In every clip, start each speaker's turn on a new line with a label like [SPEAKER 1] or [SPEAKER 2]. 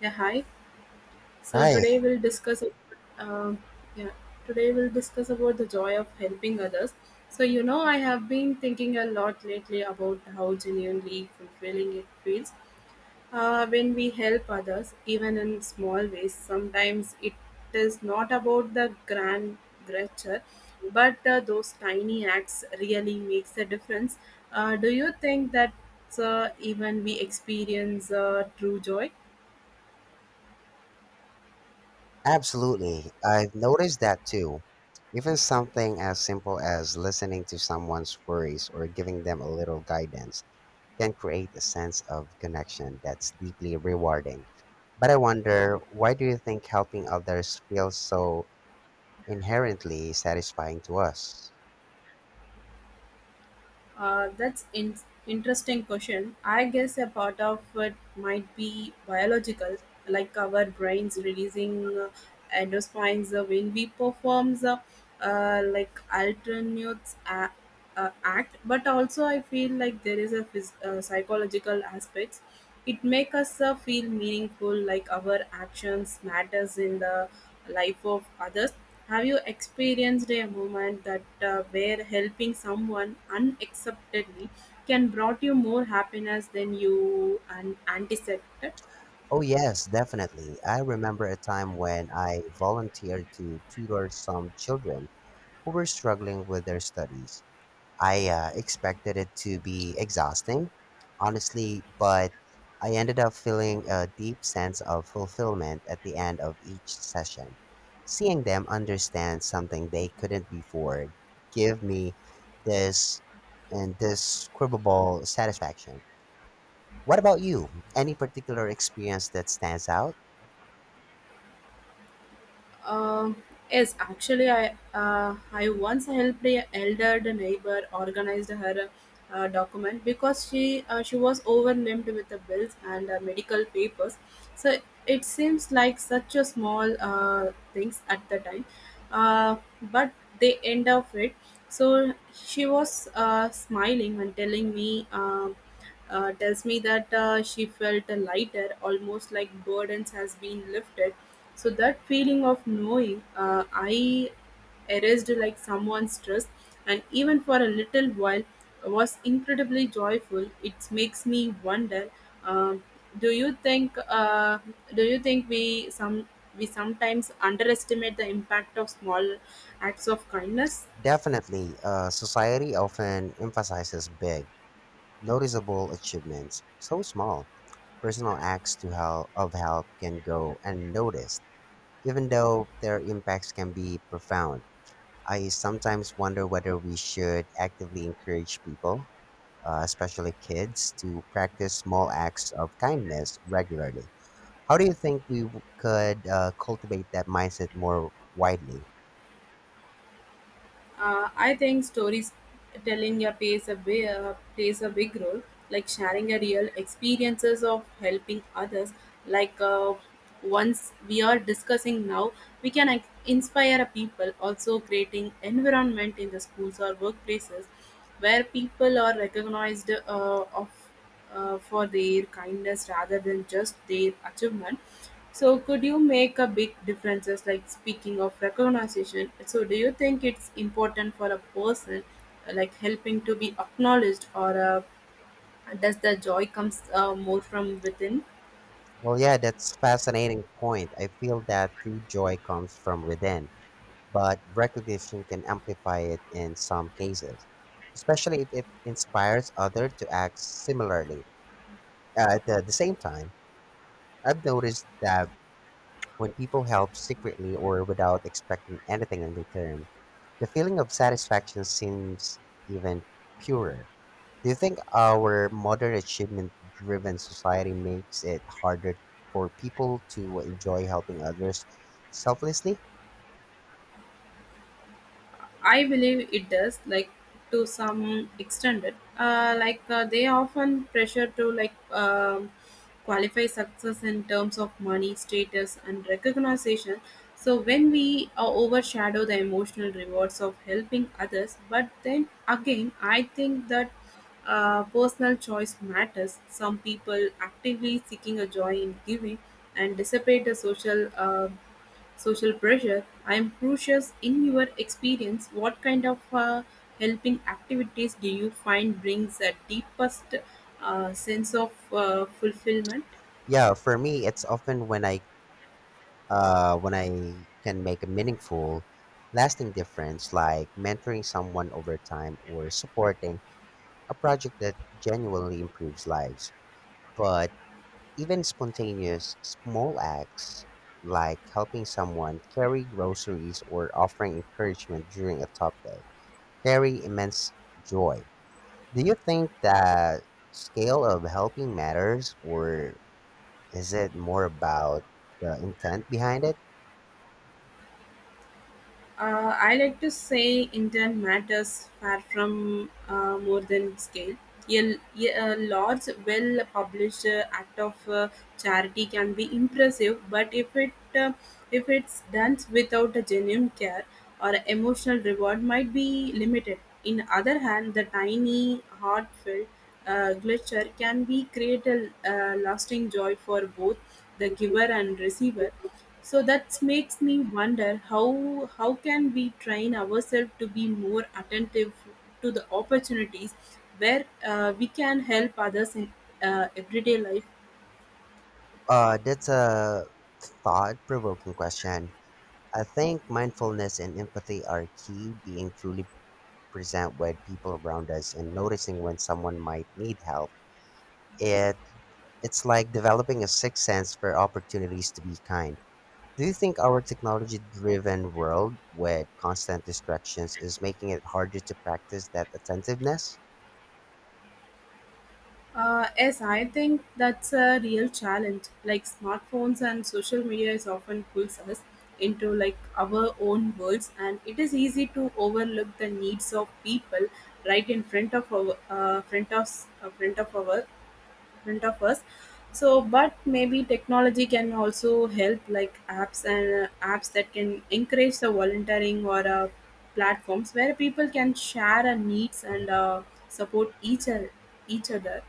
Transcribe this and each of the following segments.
[SPEAKER 1] Yeah, hi. So
[SPEAKER 2] Hi,
[SPEAKER 1] today we'll discuss about, yeah, today we'll discuss about the joy of helping others. So you know, I have been thinking a lot lately about how genuinely fulfilling it feels when we help others, even in small ways. Sometimes it is not about the grand gesture, but those tiny acts really makes a difference. Do you think that even we experience true joy?
[SPEAKER 2] absolutely. I've noticed that too. Even something as simple as listening to someone's worries or giving them a little guidance can create a sense of connection that's deeply rewarding. But I wonder, why do you think helping others feels so inherently satisfying to us?
[SPEAKER 1] That's interesting question. I guess a part of it might be biological, like our brains releasing endorphins when we performs the uh, like alternate a- act. But also, I feel like there is a psychological aspects. It makes us feel meaningful, like our actions matters in the life of others. Have you experienced a moment that where helping someone unacceptably can brought you more happiness than you and anticipated?
[SPEAKER 2] Oh, yes, definitely. I remember a time when I volunteered to tutor some children who were struggling with their studies. I expected it to be exhausting, honestly, but I ended up feeling a deep sense of fulfillment at the end of each session. Seeing them understand something they couldn't before give me this indescribable satisfaction. What about you? Any particular experience that stands out?
[SPEAKER 1] Um yes, actually, I once helped a elder neighbor organized her document because she was overwhelmed with the bills and medical papers. So it seems like such a small things at the time, uh, but they end up it. So she was smiling and telling me. Tells me that she felt lighter, almost like burdens has been lifted. So that feeling of knowing I erased like someone's stress, and even for a little while was incredibly joyful. It makes me wonder. um do you think? Do you think we some we sometimes underestimate the impact of small acts of kindness?
[SPEAKER 2] Definitely, society often emphasizes big, noticeable achievements. So small, personal acts to help, of help can go unnoticed, even though their impacts can be profound. I sometimes wonder whether we should actively encourage people especially kids, to practice small acts of kindness regularly. How do you think we could cultivate that mindset more widely?
[SPEAKER 1] I think stories telling a plays a plays a big role, like sharing a real experiences of helping others. Like uh, Once we are discussing now, we can inspire a people. Also, creating environment in the schools or workplaces where people are recognized of for their kindness rather than just their achievement. So, could you make a big differences? Like speaking of recognition, so do you think it's important for a person like helping to be acknowledged, or does the joy comes more from within?
[SPEAKER 2] Well, yeah, that's fascinating point. I feel that true joy comes from within, but recognition can amplify it in some cases, especially if it inspires others to act similarly. At the same time, I've noticed that when people help secretly or without expecting anything in return, the feeling of satisfaction seems even purer. Do you think our modern achievement driven society makes it harder for people to enjoy helping others selflessly?
[SPEAKER 1] I believe it does, like to some extent. They often pressure to qualify success in terms of money, status, and recognition. So when we overshadow the emotional rewards of helping others, but then again, I think that personal choice matters. Some people actively seeking a joy in giving and dissipate the social social pressure. I am curious in your experience, what kind of helping activities do you find brings a deepest sense of fulfillment?
[SPEAKER 2] Yeah, for me it's often when I when I can make a meaningful, lasting difference like mentoring someone over time or supporting a project that genuinely improves lives. But even spontaneous, small acts like helping someone carry groceries or offering encouragement during a tough day carry immense joy. Do you think that scale of helping matters, or is it more about the intent behind it?
[SPEAKER 1] I like to say intent matters far from more than scale. A, a large, well published act of charity can be impressive, but if it's done without a genuine care or emotional reward, might be limited. In other hand, the tiny, heartfelt gesture can be create a lasting joy for both the giver and receiver. So that makes me wonder how can we train ourselves to be more attentive to the opportunities where we can help others in everyday life.
[SPEAKER 2] That's a thought provoking question. I think mindfulness and empathy are key, being truly present with people around us and noticing when someone might need help. It It's like developing a sixth sense for opportunities to be kind. Do you think our technology driven world with constant distractions is making it harder to practice that attentiveness?
[SPEAKER 1] Yes, I think that's a real challenge. Like smartphones and social media is often pulls us into like our own worlds, and it is easy to overlook the needs of people right in front of our uh, front of our front of us. So but maybe technology can also help like apps and apps that can encourage the volunteering or platforms where people can share our needs and support each other.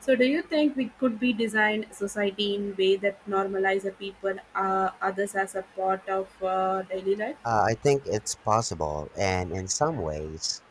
[SPEAKER 1] So do you think we could be designed society in way that normalize the people others as a part of daily life?
[SPEAKER 2] I think it's possible, and in some ways,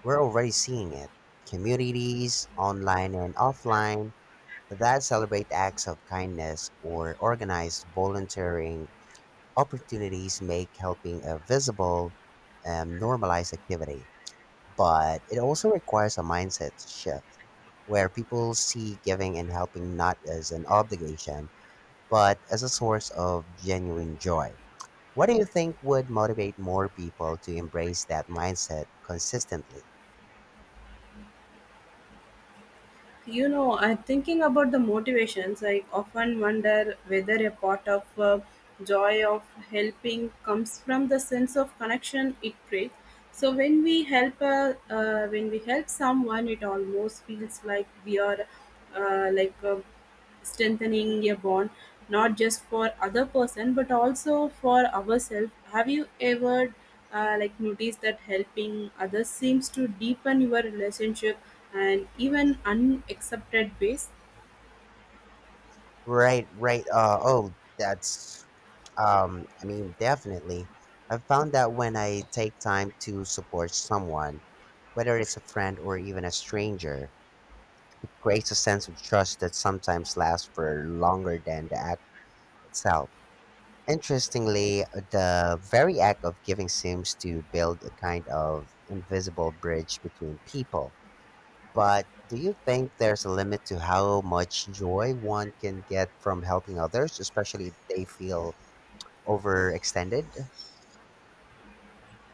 [SPEAKER 2] we're already seeing it. Communities, online and offline, that celebrate acts of kindness or organize volunteering opportunities make helping a visible, normalized activity. But it also requires a mindset shift where people see giving and helping not as an obligation, but as a source of genuine joy. What do you think would motivate more people to embrace that mindset consistently?
[SPEAKER 1] You know, I'm thinking about the motivations. I often wonder whether a part of joy of helping comes from the sense of connection it creates. So when we when we help someone, it almost feels like we are uh, like uh, strengthening a bond not just for other person but also for ourselves. Have you ever like noticed that helping others seems to deepen your relationship and even unaccepted ways?
[SPEAKER 2] Right, right. I mean, definitely. I've found that when I take time to support someone, whether it's a friend or even a stranger, creates a sense of trust that sometimes lasts for longer than the act itself. Interestingly, the very act of giving seems to build a kind of invisible bridge between people. But do you think there's a limit to how much joy one can get from helping others, especially if they feel overextended?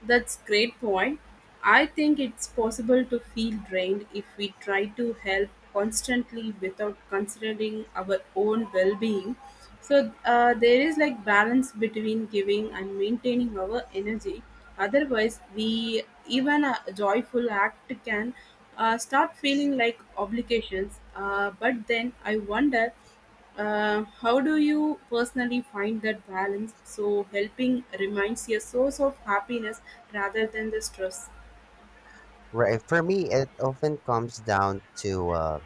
[SPEAKER 1] That's great point. I think it's possible to feel drained if we try to help constantly without considering our own well-being. So there is like balance between giving and maintaining our energy. Otherwise, we even a joyful act can start feeling like obligations. But then I wonder how do you personally find that balance so helping remains a source of happiness rather than the stress?
[SPEAKER 2] Right. For me, it often comes down to uh,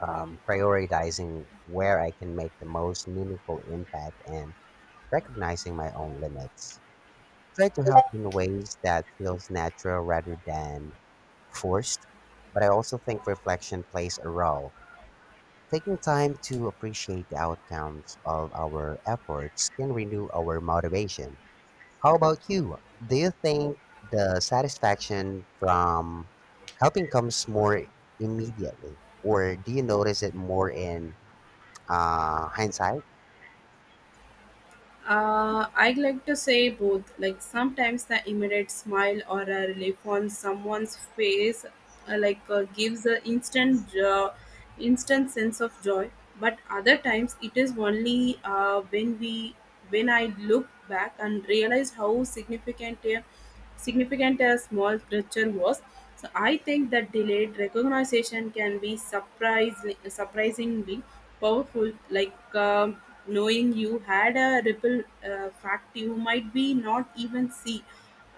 [SPEAKER 2] um, prioritizing where I can make the most meaningful impact and recognizing my own limits. Try to help in ways that feels natural rather than forced, but I also think reflection plays a role. Taking time to appreciate the outcomes of our efforts can renew our motivation. How about you? Do you think the satisfaction from helping comes more immediately, or do you notice it more in hindsight?
[SPEAKER 1] I like to say both. Like sometimes the immediate smile or a relief on someone's face, gives an instant sense of joy. But other times it is only when I look back and realize how significant a significant as small ritual was. So I think that delayed recognition can be surprisingly powerful. Knowing you had a ripple fact you might be not even see.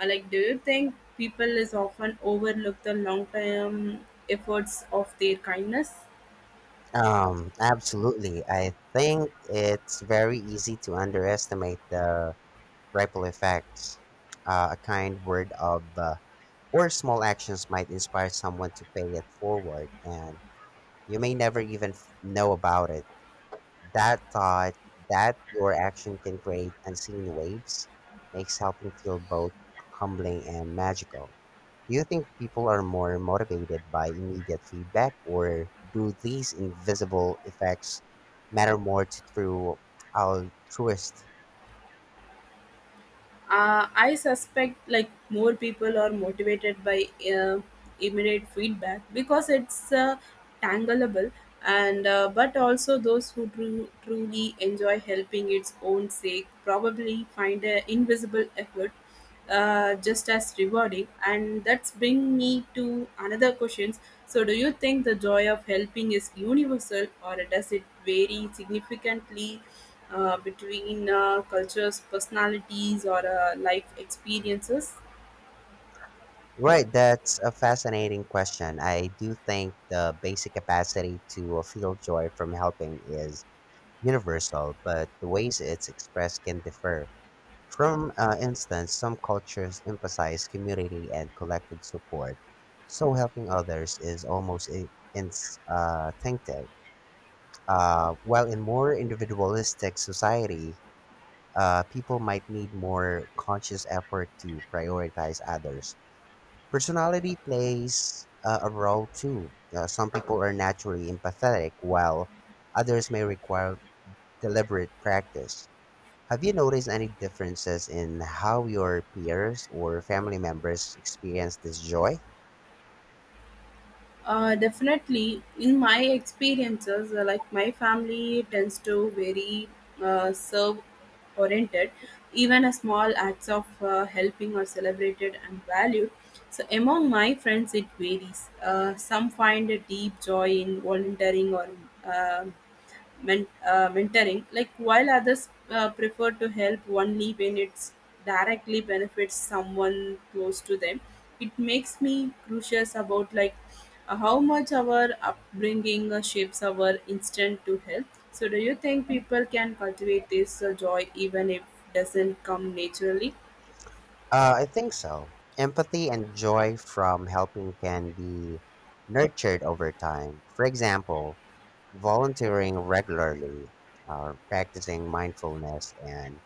[SPEAKER 1] Like, do you think people is often overlook the long term efforts of their kindness?
[SPEAKER 2] Absolutely. I think it's very easy to underestimate the ripple effects. A kind word of Or small actions might inspire someone to pay it forward, and you may never know about it. That thought that your action can create unseen waves makes helping feel both humbling and magical. Do you think people are more motivated by immediate feedback, or do these invisible effects matter more to true altruists?
[SPEAKER 1] I suspect like more people are motivated by uh, immediate feedback because it's tangleable and but also those who truly enjoy helping its own sake probably find an invisible effort just as rewarding, and that's bring me to another questions. So do you think the joy of helping is universal or does it vary significantly between cultures, personalities, or life experiences?
[SPEAKER 2] Right, that's a fascinating question. I do think the basic capacity to feel joy from helping is universal, but the ways it's expressed can differ. From instance, some cultures emphasize community and collective support, so helping others is almost instinctive. While in more individualistic society, people might need more conscious effort to prioritize others. Personality plays a role too. Some people are naturally empathetic, while others may require deliberate practice. Have you noticed any differences in how your peers or family members experience this joy?
[SPEAKER 1] Definitely, in my experiences, like my family tends to very serve oriented. Even a small acts of helping are celebrated and valued. So among my friends, it varies. Some find a deep joy in volunteering or um men- mentoring, like while others prefer to help only when it's directly benefits someone close to them. It makes me curious about like how much our upbringing shapes our instinct to help. So, do you think people can cultivate this joy even if doesn't come naturally?
[SPEAKER 2] I think so. Empathy and joy from helping can be nurtured over time. For example, volunteering regularly, practicing mindfulness, and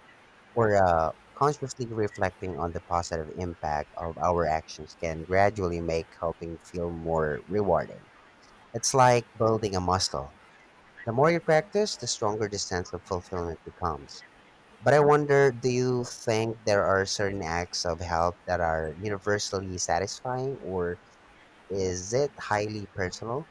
[SPEAKER 2] or consciously reflecting on the positive impact of our actions can gradually make helping feel more rewarding. It's like building a muscle. The more you practice, the stronger the sense of fulfillment becomes. But I wonder, do you think there are certain acts of help that are universally satisfying, or is it highly personal?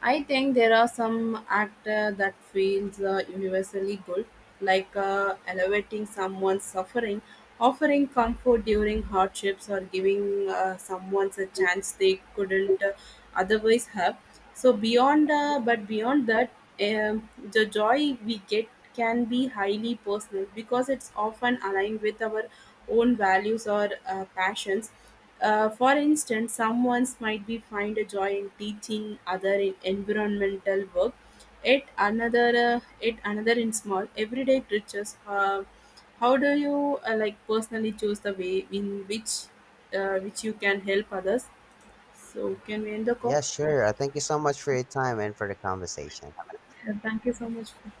[SPEAKER 1] I think there are some actor that feels universally good, like elevating someone's suffering, offering comfort during hardships, or giving someone a chance they couldn't otherwise have. So but beyond that, the joy we get can be highly personal because it's often aligned with our own values or passions. For instance, someone might be find a joy in teaching other in environmental work, yet another in small everyday creatures. How do you like personally choose the way in which you can help others? So can we end the call?
[SPEAKER 2] Yes, sure. Thank you so much for your time and for the conversation.
[SPEAKER 1] Yeah, thank you so much for